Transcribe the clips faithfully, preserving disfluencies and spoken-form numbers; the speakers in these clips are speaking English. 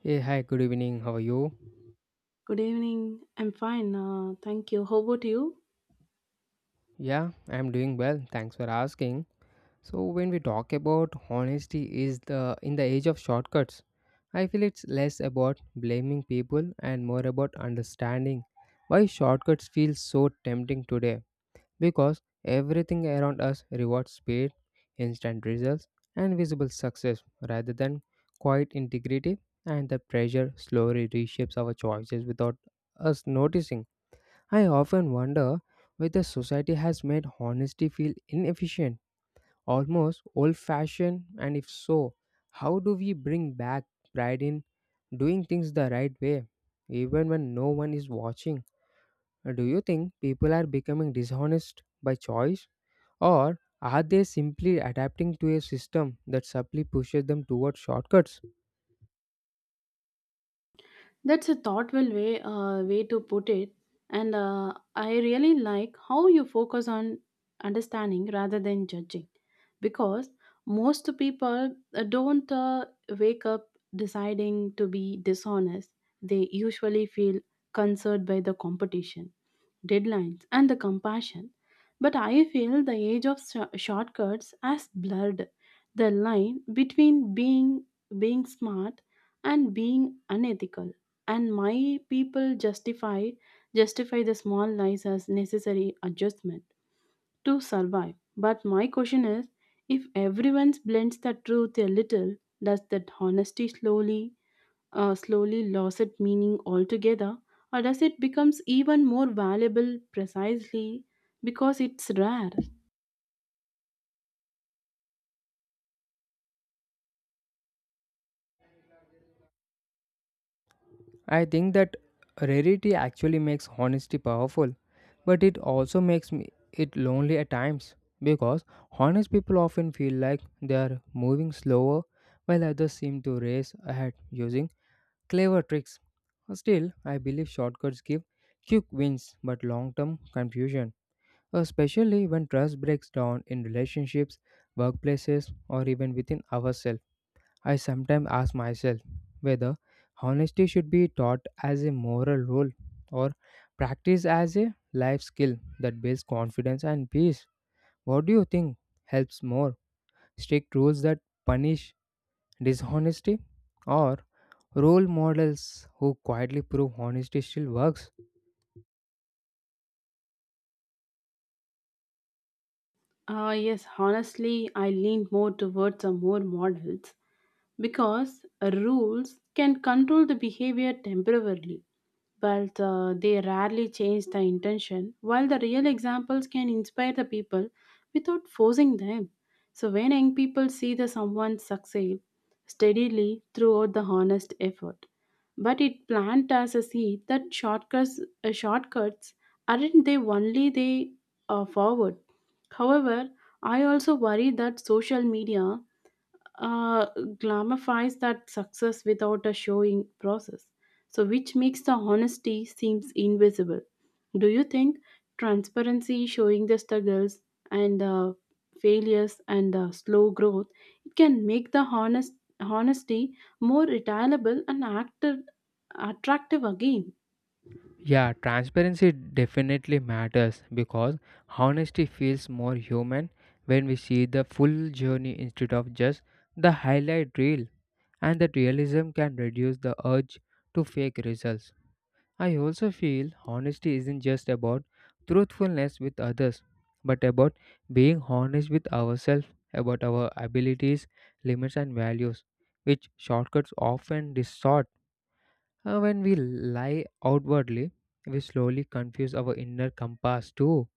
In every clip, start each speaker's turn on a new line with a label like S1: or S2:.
S1: Hey, hi, good evening. How are you?
S2: Good evening. I'm fine. Uh, thank you. How about you?
S1: Yeah, I'm doing well. Thanks for asking. So, when we talk about honesty is the in the age of shortcuts, I feel it's less about blaming people and more about understanding why shortcuts feel so tempting today because everything around us rewards speed, instant results, and visible success rather than quiet integrity, and the pressure slowly reshapes our choices without us noticing. I often wonder whether society has made honesty feel inefficient, almost old fashioned, and if so, how do we bring back pride in doing things the right way, even when no one is watching? Do you think people are becoming dishonest by choice, or are they simply adapting to a system that subtly pushes them towards shortcuts?
S2: That's a thoughtful way uh, way to put it, and uh, I really like how you focus on understanding rather than judging, because most people uh, don't uh, wake up deciding to be dishonest. They usually feel concerned by the competition deadlines, and the compassion. But I feel the age of sh- shortcuts has blurred the line between being being smart and being unethical. And my people justify justify the small lies as necessary adjustment to survive. But my question is, if everyone blends the truth a little, does that honesty slowly uh, slowly lost its meaning altogether, or does it becomes even more valuable precisely because it's rare?
S1: I think that rarity actually makes honesty powerful, but it also makes me it lonely at times because honest people often feel like they are moving slower while others seem to race ahead using clever tricks. Still, I believe shortcuts give quick wins but long-term confusion, especially when trust breaks down in relationships, workplaces, or even within ourselves. I sometimes ask myself whether honesty should be taught as a moral rule or practiced as a life skill that builds confidence and peace. What do you think helps more? Strict rules that punish dishonesty or role models who quietly prove honesty still works?
S2: Uh, yes, honestly, I lean more towards the more models because rules can control the behavior temporarily, but uh, they rarely change the intention, while the real examples can inspire the people without forcing them. So when young people see the someone succeed steadily throughout the honest effort, but it planted as a seed that shortcuts, uh, shortcuts aren't they only they uh, forward. However, I also worry that social media uh, glorifies that success without a showing process. So, which makes the honesty seems invisible. Do you think transparency, showing the struggles and uh, failures and uh, slow growth, it can make the honest honesty more reliable and active, attractive again?
S1: Yeah, transparency definitely matters because honesty feels more human when we see the full journey instead of just the highlight reel, and that realism can reduce the urge to fake results. I also feel honesty isn't just about truthfulness with others, but about being honest with ourselves about our abilities, limits, and values, which shortcuts often distort. Uh, when we lie outwardly, we slowly confuse our inner compass too.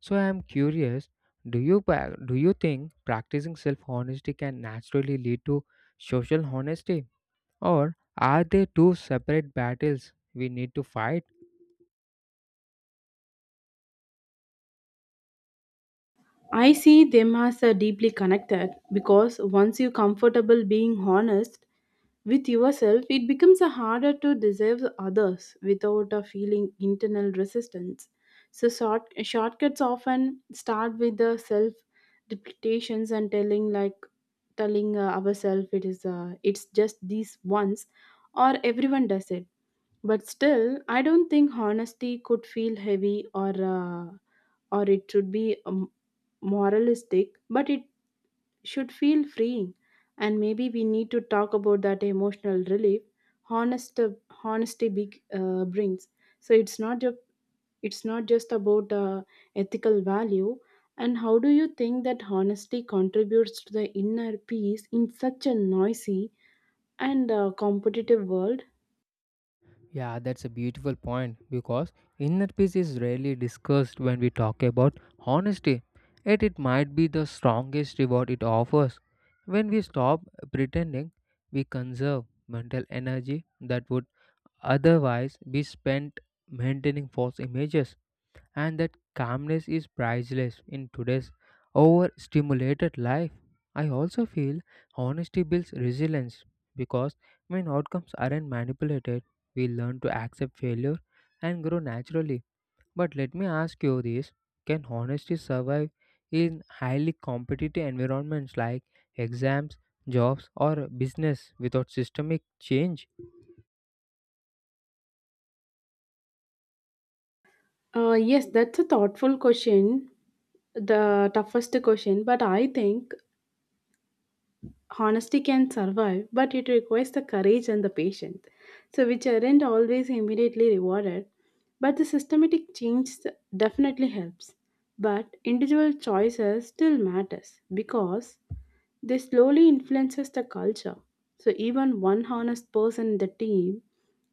S1: So I am curious, do you pa- do you think practicing self-honesty can naturally lead to social honesty or are they two separate battles we need to fight?
S2: I see them as uh, deeply connected because once you're comfortable being honest, with yourself, it becomes a harder to deserve others without a feeling internal resistance. So short, shortcuts often start with the self depreciations and telling like telling uh, ourselves it is uh, it's just these ones or everyone does it. But still, I don't think honesty could feel heavy or uh, or it should be um, moralistic, but it should feel freeing and maybe we need to talk about that emotional relief honest honesty big, uh, brings so it's not just it's not just about uh, ethical value. And how do you think that honesty contributes to the inner peace in such a noisy and uh, competitive world?
S1: Yeah, that's a beautiful point because inner peace is rarely discussed when we talk about honesty, yet it might be the strongest reward it offers. When we stop pretending, we conserve mental energy that would otherwise be spent maintaining false images and that calmness is priceless in today's overstimulated life. I also feel honesty builds resilience because when outcomes aren't manipulated, we learn to accept failure and grow naturally. But let me ask you this can honesty survive in highly competitive environments like exams, jobs, or business without systemic change?
S2: Uh, yes, that's a thoughtful question, the toughest question, but I think honesty can survive, but it requires the courage and the patience, so which aren't always immediately rewarded. But the systematic change definitely helps. But individual choices still matters because they slowly influences the culture. So even one honest person in the team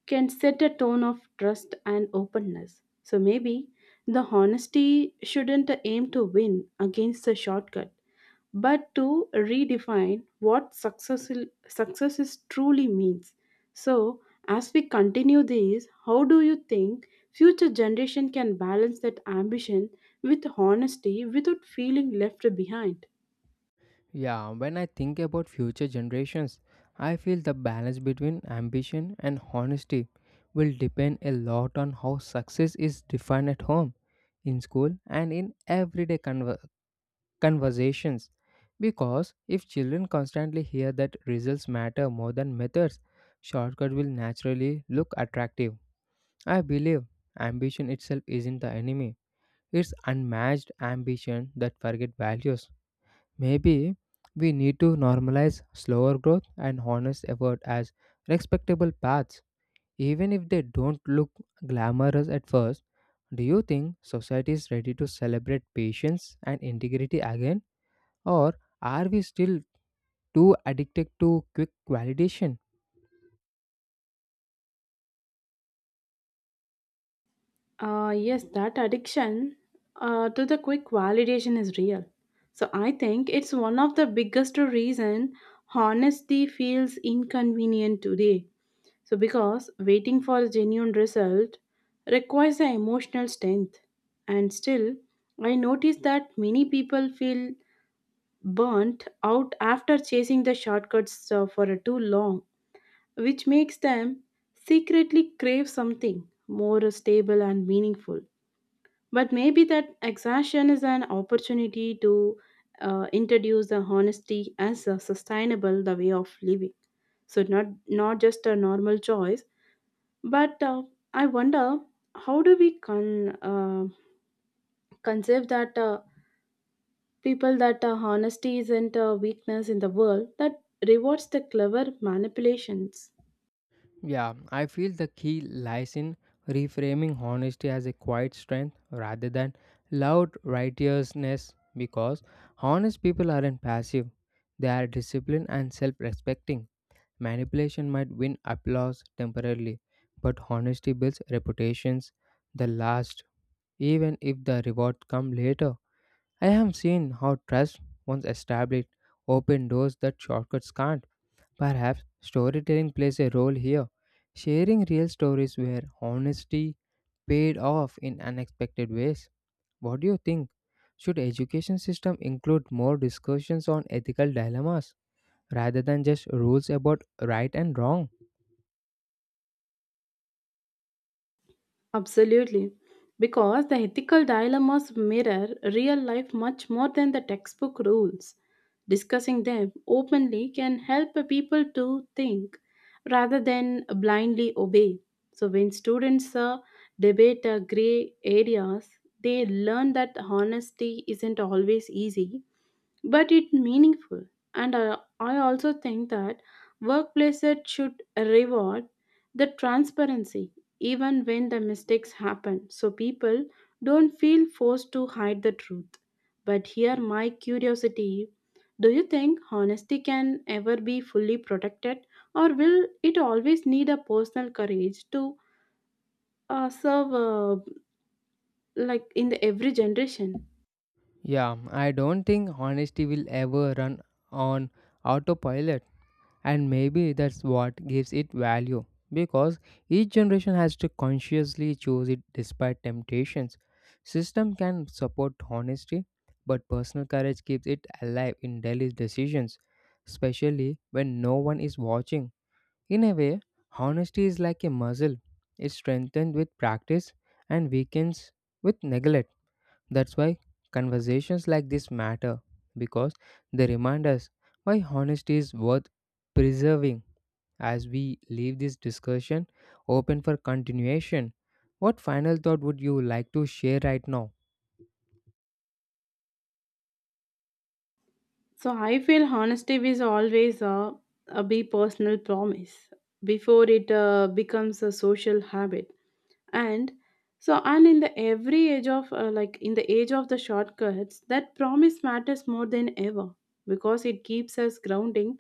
S2: can set a tone of trust and openness. So maybe the honesty shouldn't aim to win against the shortcut but to redefine what success, success is truly means. So, as we continue this, how do you think future generation can balance that ambition with honesty without feeling left behind?
S1: Yeah, when I think about future generations, I feel the balance between ambition and honesty will depend a lot on how success is defined at home, in school, and in everyday conver- conversations. Because if children constantly hear that results matter more than methods, shortcut will naturally look attractive. I believe ambition itself isn't the enemy. It's unmatched ambition that forget values. Maybe we need to normalize slower growth and honest effort as respectable paths, even if they don't look glamorous at first. Do you think society is ready to celebrate patience and integrity again, or are we still too addicted to quick validation?
S2: Uh, yes, that addiction uh, to the quick validation is real. So I think it's one of the biggest reason honesty feels inconvenient today. So, because waiting for a genuine result requires an emotional strength, and still, I notice that many people feel burnt out after chasing the shortcuts uh, for too long, which makes them secretly crave something more stable and meaningful. But maybe that exhaustion is an opportunity to uh, introduce the honesty as a sustainable the way of living, so not not just a normal choice but uh, I wonder how do we con- uh, conceive that uh, people that uh, honesty isn't a weakness in the world that rewards the clever manipulations?
S1: Yeah, I feel the key lies in reframing honesty as a quiet strength rather than loud righteousness because honest people aren't passive, they are disciplined and self respecting. Manipulation might win applause temporarily, but honesty builds reputations that last, even if the reward comes later. I have seen how trust, once established, open doors that shortcuts can't. Perhaps storytelling plays a role here, sharing real stories where honesty paid off in unexpected ways. What do you think? Should education system include more discussions on ethical dilemmas rather than just rules about right and wrong?
S2: Absolutely. Because the ethical dilemmas mirror real life much more than the textbook rules. Discussing them openly can help people to think rather than blindly obey. So, when students uh, debate uh, gray areas, they learn that honesty isn't always easy but it's meaningful. And I, I also think that workplaces should reward the transparency even when the mistakes happen so people don't feel forced to hide the truth. But here, my curiosity, do you think honesty can ever be fully protected, or will it always need a personal courage to uh, serve uh, like in the every generation?
S1: Yeah, I don't think honesty will ever run on autopilot. And maybe that's what gives it value because each generation has to consciously choose it despite temptations. System can support honesty, but personal courage keeps it alive in daily decisions, especially when no one is watching. In a way, honesty is like a muscle. It's strengthened with practice and weakens with neglect. That's why conversations like this matter because they remind us why honesty is worth preserving as we leave this discussion open for continuation. What final thought would you like to share right now?
S2: So I feel honesty is always a, a be personal promise before it uh, becomes a social habit. And so and in the every age of uh, like in the age of the shortcuts, that promise matters more than ever because it keeps us grounding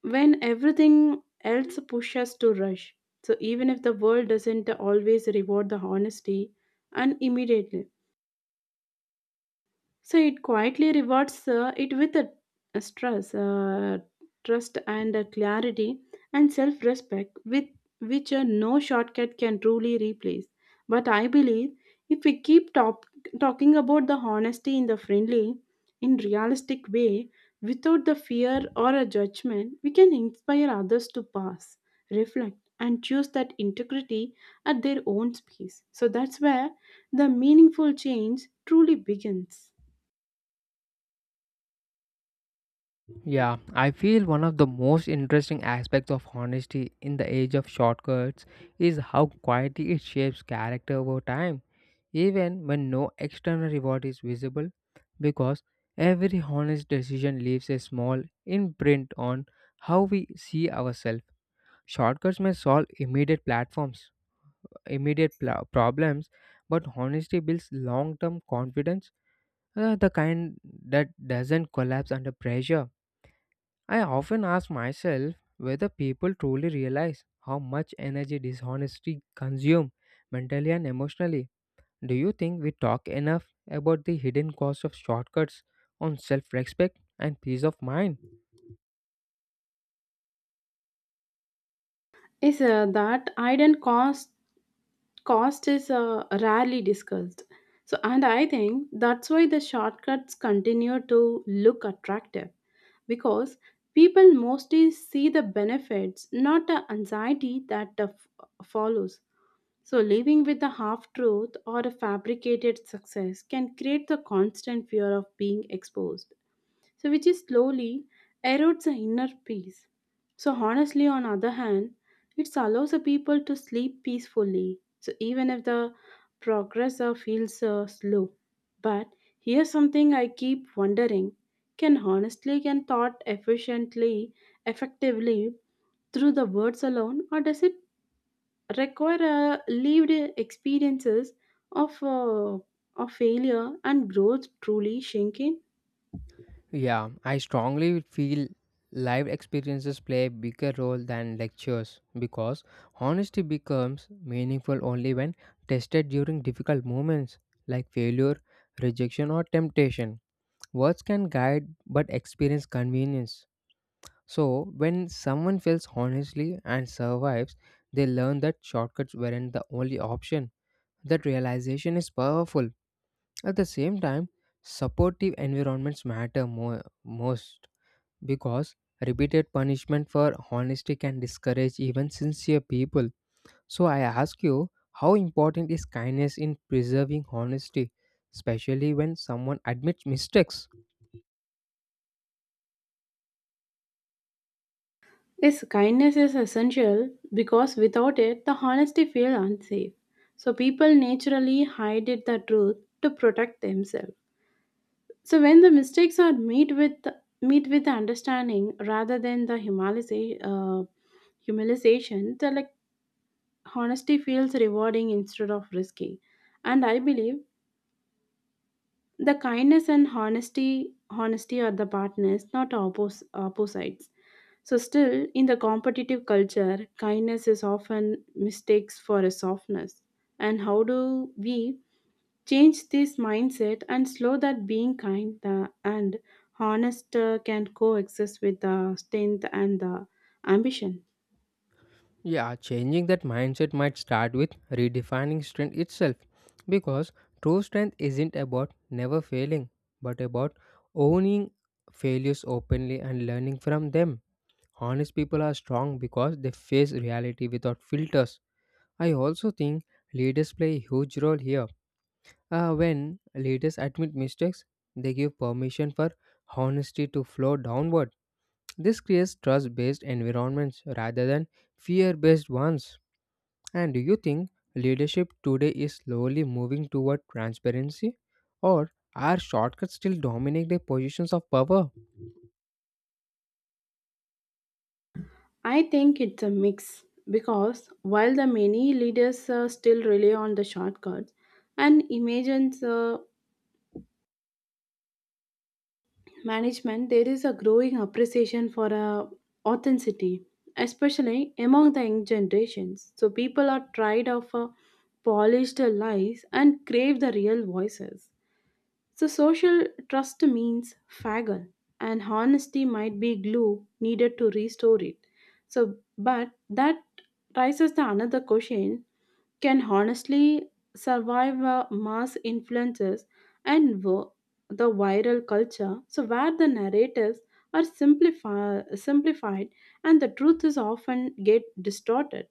S2: when everything else pushes us to rush. So even if the world doesn't always reward the honesty and immediately. So it quietly rewards uh, it with a, a stress, uh, trust, and a clarity and self-respect, with which uh, no shortcut can truly replace. But I believe if we keep top, talking about the honesty in the friendly, in realistic way, without the fear or a judgment, we can inspire others to pass, reflect, and choose that integrity at their own pace. So that's where the meaningful change truly begins.
S1: Yeah, I feel one of the most interesting aspects of honesty in the age of shortcuts is how quietly it shapes character over time, even when no external reward is visible, because every honest decision leaves a small imprint on how we see ourselves. Shortcuts may solve immediate platforms, immediate pla- problems, but honesty builds long-term confidence, uh, the kind that doesn't collapse under pressure. I often ask myself whether people truly realize how much energy dishonesty consumes mentally and emotionally. Do you think we talk enough about the hidden cost of shortcuts on self-respect and peace of mind?
S2: Is uh, that iron cost cost is uh, rarely discussed. So and I think that's why the shortcuts continue to look attractive because people mostly see the benefits not the anxiety that uh, f- follows. So living with the half truth or a fabricated success can create the constant fear of being exposed, so which is slowly erodes the inner peace. So honestly, on other hand, it allows the people to sleep peacefully. So even if the progress uh, feels uh, slow, but here's something I keep wondering: can honestly can thought efficiently, effectively through the words alone, or does it require uh, lived experiences of uh, of failure and growth truly sink in?
S1: Yeah, I strongly feel live experiences play a bigger role than lectures because honesty becomes meaningful only when tested during difficult moments like failure, rejection, or temptation. Words can guide but experience convenience. So, when someone fails honestly and survives, they learn that shortcuts weren't the only option. That realization is powerful. At the same time, supportive environments matter more, most because repeated punishment for honesty can discourage even sincere people. So I ask you, how important is kindness in preserving honesty, especially when someone admits mistakes?
S2: This kindness is essential because without it, the honesty feels unsafe. So people naturally hide it the truth to protect themselves. So when the mistakes are meet with meet with understanding rather than the humiliation, uh, humiliation, the like honesty feels rewarding instead of risky. And I believe the kindness and honesty honesty are the partners, not oppos- opposites. So, still, in the competitive culture, kindness is often mistakes for a softness. And how do we change this mindset and slow that being kind uh, and honest uh, can coexist with the strength and the ambition?
S1: Yeah, changing that mindset might start with redefining strength itself because true strength isn't about never failing but about owning failures openly and learning from them. Honest people are strong because they face reality without filters. I also think leaders play a huge role here. Uh, when leaders admit mistakes, they give permission for honesty to flow downward. This creates trust based environments rather than fear based ones. And do you think leadership today is slowly moving toward transparency? Or are shortcuts still dominate the positions of power?
S2: I think it's a mix because while the many leaders uh, still rely on the shortcuts and imagines uh, management, there is a growing appreciation for uh, authenticity, especially among the young generations. So people are tired of uh, polished lies and crave the real voices. So social trust means faggle, and honesty might be glue needed to restore it. So, but that raises the another question: can honestly survive uh, mass influences and wo- the viral culture, so where the narratives are simplify, simplified and the truth is often get distorted.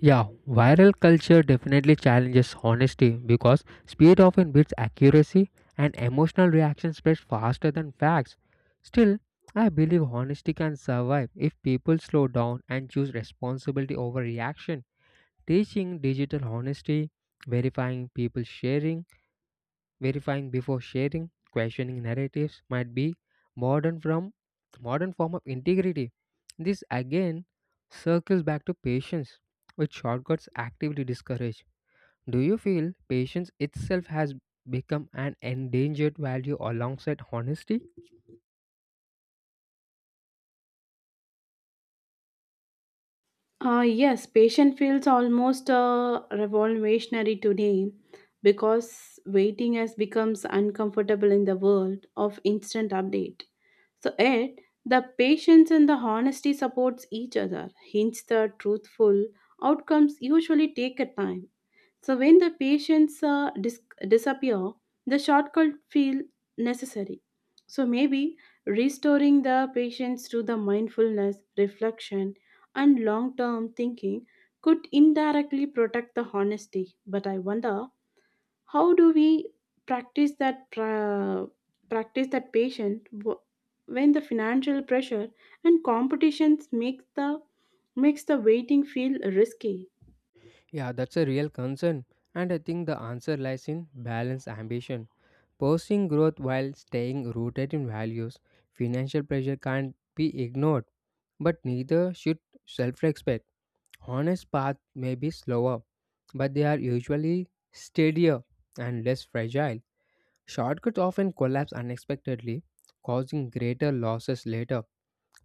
S1: Yeah, viral culture definitely challenges honesty because speed often beats accuracy and emotional reaction spreads faster than facts. Still, I believe honesty can survive if people slow down and choose responsibility over reaction. Teaching digital honesty, verifying people sharing, verifying before sharing, questioning narratives might be modern from modern form of integrity. This again circles back to patience, which shortcuts actively discourage. Do you feel patience itself has become an endangered value alongside honesty?
S2: uh, Yes, patient feels almost uh, revolutionary today because waiting has becomes uncomfortable in the world of instant update. So it the patience and the honesty supports each other. Hence the truthful outcomes usually take a time. So when the patients uh, dis- disappear, the shortcut feel necessary. So maybe restoring the patients to the mindfulness, reflection, and long-term thinking could indirectly protect the honesty. But I wonder how do we practice that pra- practice that patient w- when the financial pressure and competitions makes the makes the waiting feel risky.
S1: Yeah, that's a real concern, and I think the answer lies in balance ambition. Pursuing growth while staying rooted in values, financial pressure can't be ignored, but neither should self respect. Honest paths may be slower, but they are usually steadier and less fragile. Shortcuts often collapse unexpectedly, causing greater losses later.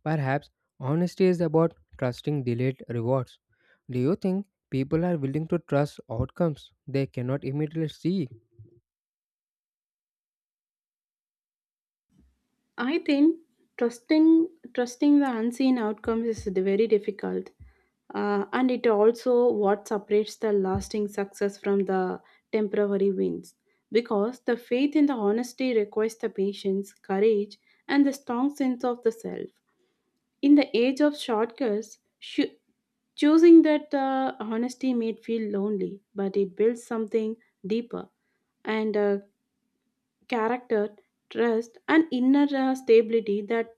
S1: Perhaps honesty is about trusting delayed rewards. Do you think people are willing to trust outcomes they cannot immediately see?
S2: I think trusting trusting the unseen outcomes is very difficult uh, and it also what separates the lasting success from the temporary wins because the faith in the honesty requires the patience courage and the strong sense of the self. In the age of shortcuts, shu- choosing that uh, honesty may feel lonely, but it builds something deeper and uh, character, trust, and inner uh, stability that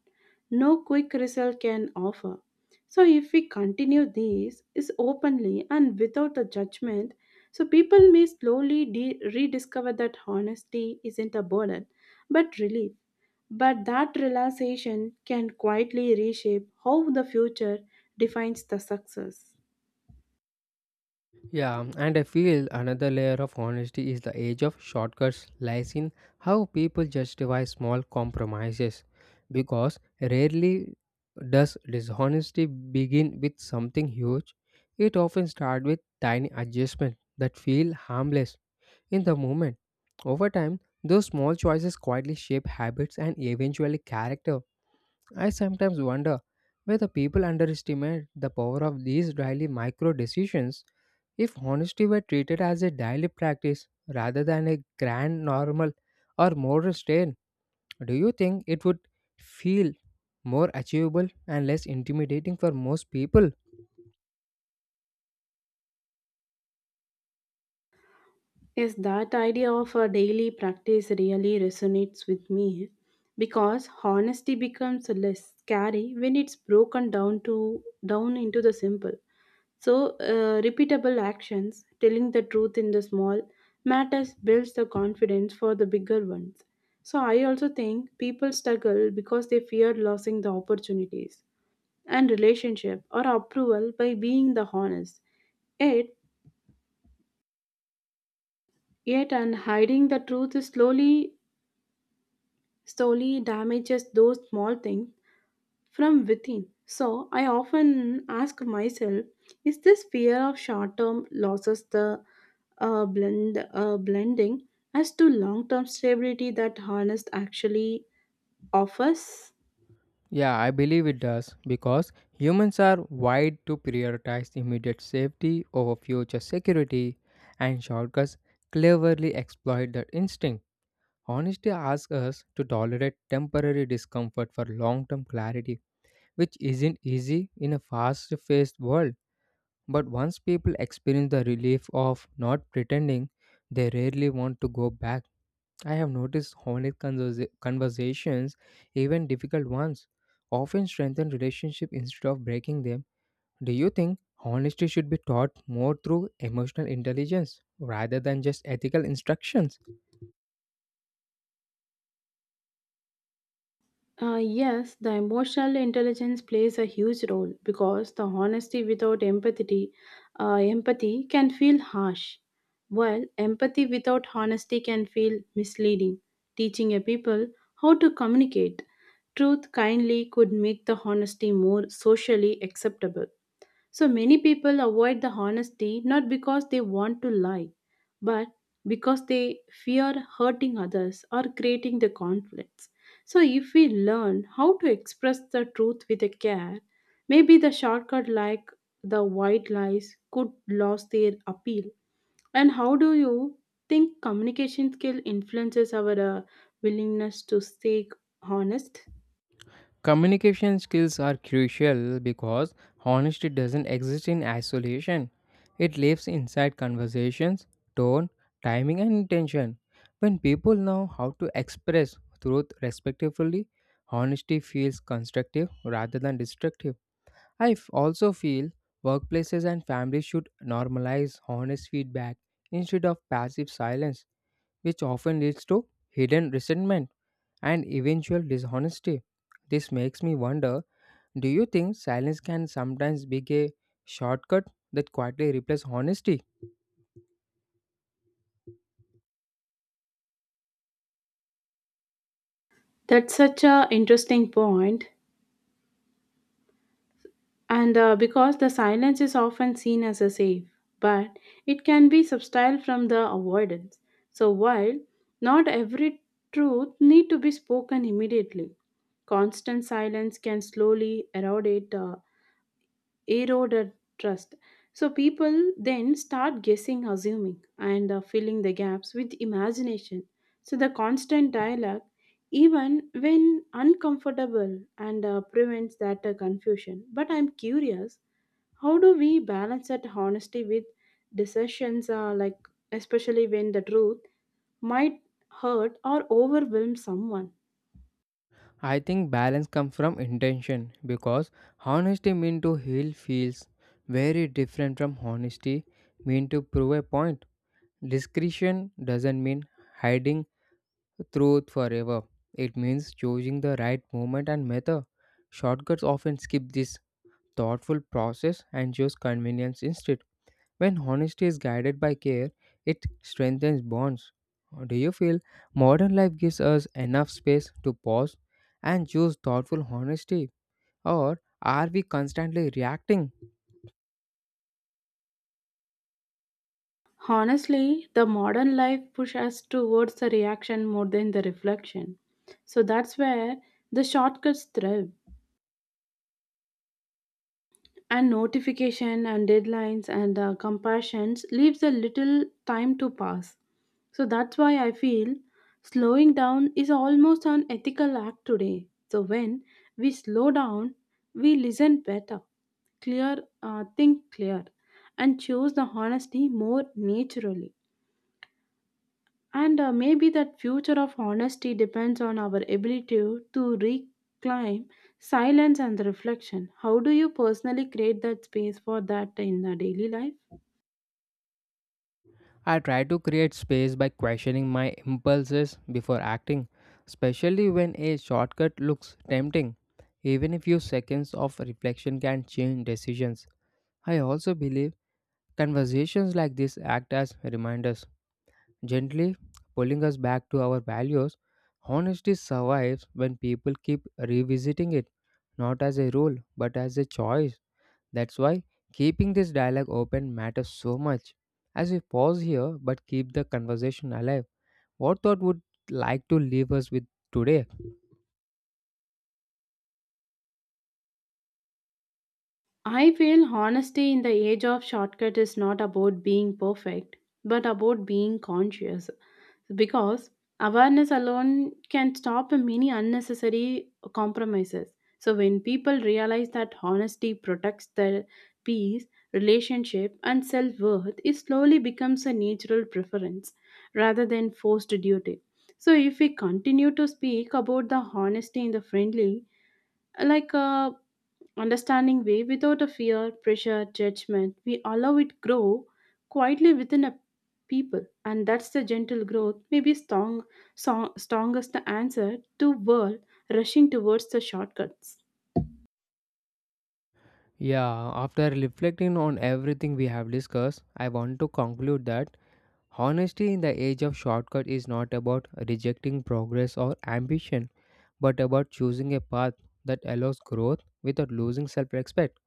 S2: no quick result can offer. So, if we continue these is openly and without a judgment, so people may slowly de- rediscover that honesty isn't a burden, but relief. But that realization can quietly reshape how the future defines the success.
S1: Yeah, and I feel another layer of honesty is the age of shortcuts lies in how people justify small compromises. Because rarely does dishonesty begin with something huge, it often starts with tiny adjustments that feel harmless in the moment. Over time, those small choices quietly shape habits and eventually character. I sometimes wonder whether people underestimate the power of these daily micro decisions if honesty were treated as a daily practice rather than a grand normal or moral strain, do you think it would feel more achievable and less intimidating for most people?
S2: Yes, that idea of a daily practice really resonates with me because honesty becomes less scary when it's broken down to down into the simple. So, uh, repeatable actions, telling the truth in the small matters builds the confidence for the bigger ones. So, I also think people struggle because they fear losing the opportunities and relationship or approval by being the honest. Yet, Yet and hiding the truth slowly slowly damages those small things from within. So I often ask myself, is this fear of short-term losses the uh, blend uh, blending as to long-term stability that harness actually offers?
S1: Yeah, I believe it does because humans are wired to prioritize immediate safety over future security, and shortcuts cleverly exploit that instinct. Honesty asks us to tolerate temporary discomfort for long term clarity which isn't easy in a fast paced world. But once people experience the relief of not pretending, they rarely want to go back. I have noticed honest conversa- conversations, even difficult ones, often strengthen relationships instead of breaking them. Do you think honesty should be taught more through emotional intelligence rather than just ethical instructions?
S2: Uh, yes, the emotional intelligence plays a huge role because the honesty without empathy, uh, empathy can feel harsh, while empathy without honesty can feel misleading. Teaching a people how to communicate truth kindly could make the honesty more socially acceptable. So many people avoid the honesty not because they want to lie, but because they fear hurting others or creating the conflicts. So if we learn how to express the truth with a care, maybe the shortcut like the white lies could lose their appeal. And how do you think communication skill influences our uh, willingness to stay honest?
S1: Communication skills are crucial because honesty doesn't exist in isolation. It lives inside conversations, tone, timing, and intention. When people know how to express truth respectfully, honesty feels constructive rather than destructive. I f- also feel workplaces and families should normalize honest feedback instead of passive silence, which often leads to hidden resentment and eventual dishonesty. This makes me wonder do you think silence can sometimes be a shortcut that quietly replaces honesty?
S2: That's such a interesting point and uh, because the silence is often seen as a safe, but it can be subtle from the avoidance. So while not every truth need to be spoken immediately, constant silence can slowly erode it, uh, erode a trust. So people then start guessing, assuming, and uh, filling the gaps with imagination. So the constant dialogue, even when uncomfortable, and uh, prevents that uh, confusion. But I'm curious how do we balance that honesty with decisions, uh, like especially when the truth might hurt or overwhelm someone?
S1: I think balance comes from intention because honesty mean to heal feels very different from honesty mean to prove a point. Discretion doesn't mean hiding truth forever. It means choosing the right moment and method. Shortcuts often skip this thoughtful process and choose convenience instead. When honesty is guided by care, it strengthens bonds. Do you feel modern life gives us enough space to pause and choose thoughtful honesty, or are we constantly reacting?
S2: Honestly, the modern life pushes us towards the reaction more than the reflection. So that's where the shortcuts thrive. And notification and deadlines and uh, compassions leaves a little time to pass. So that's why I feel slowing down is almost an ethical act today. So when we slow down, we listen better, clear, uh, think clear, and choose the honesty more naturally. And uh, maybe that future of honesty depends on our ability to reclaim silence and reflection. How do you personally create that space for that in the daily life?
S1: I try to create space by questioning my impulses before acting, especially when a shortcut looks tempting. Even a few seconds of reflection can change decisions. I also believe conversations like this act as reminders, gently pulling us back to our values. Honesty survives when people keep revisiting it, not as a rule, but as a choice. That's why keeping this dialogue open matters so much. As we pause here but keep the conversation alive, what thought would like to leave us with today?
S2: I feel honesty in the age of shortcut is not about being perfect, but about being conscious. Because awareness alone can stop many unnecessary compromises. So, when people realize that honesty protects their peace, relationship, and self worth, it slowly becomes a natural preference rather than forced duty. So, if we continue to speak about the honesty in the friendly, like uh, understanding way without a fear, pressure, judgment. We allow it grow quietly within a people, and that's the gentle growth may be strong, strong strongest the answer to world rushing towards the shortcuts.
S1: Yeah, after reflecting on everything we have discussed, I want to conclude that honesty in the age of shortcut is not about rejecting progress or ambition, but about choosing a path that allows growth without losing self respect.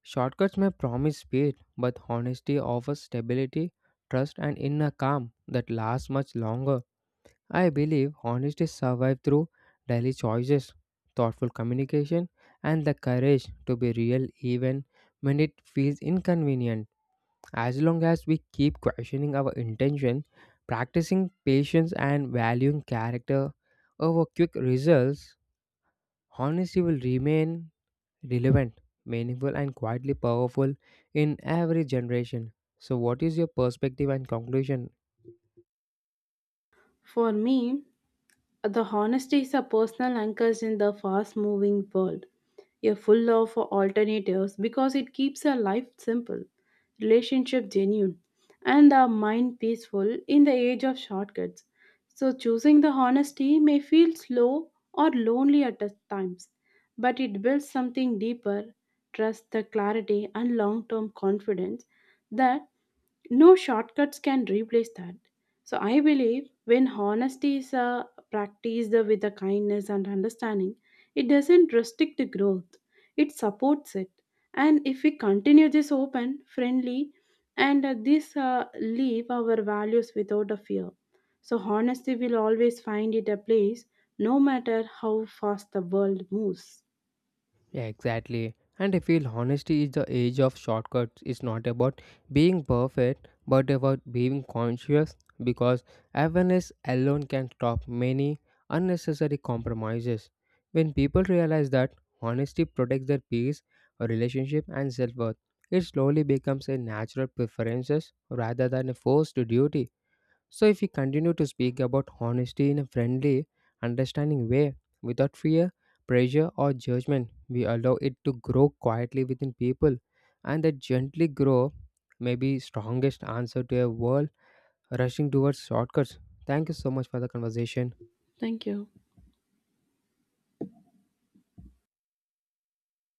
S1: Shortcuts may promise speed, but honesty offers stability, trust, and inner calm that lasts much longer. I believe honesty survives through daily choices, thoughtful communication, and the courage to be real even when it feels inconvenient. As long as we keep questioning our intention, practicing patience, and valuing character over quick results, honesty will remain relevant, meaningful, and quietly powerful in every generation. So, what is your perspective and conclusion?
S2: For me, the honesty is a personal anchor in the fast moving world, a full of alternatives because it keeps a life simple, relationship genuine, and the mind peaceful in the age of shortcuts. So, choosing the honesty may feel slow or lonely at the times, but it builds something deeper trust, the clarity, and long term confidence that no shortcuts can replace that. So I believe when honesty is uh, practiced with the kindness and understanding, it doesn't restrict the growth. It supports it. And if we continue this open, friendly, and uh, this uh, leave our values without a fear. So honesty will always find it a place, no matter how fast the world moves.
S1: Yeah, exactly. And I feel honesty is the age of shortcuts. It's not about being perfect, but about being conscious because awareness alone can stop many unnecessary compromises. When people realize that honesty protects their peace, relationship, and self worth, it slowly becomes a natural preferences rather than a forced duty. So, if we continue to speak about honesty in a friendly, understanding way, without fear, pressure, or judgment, we allow it to grow quietly within people, and that gently grow may be strongest answer to a world rushing towards shortcuts. Thank you so much for the conversation.
S2: Thank you.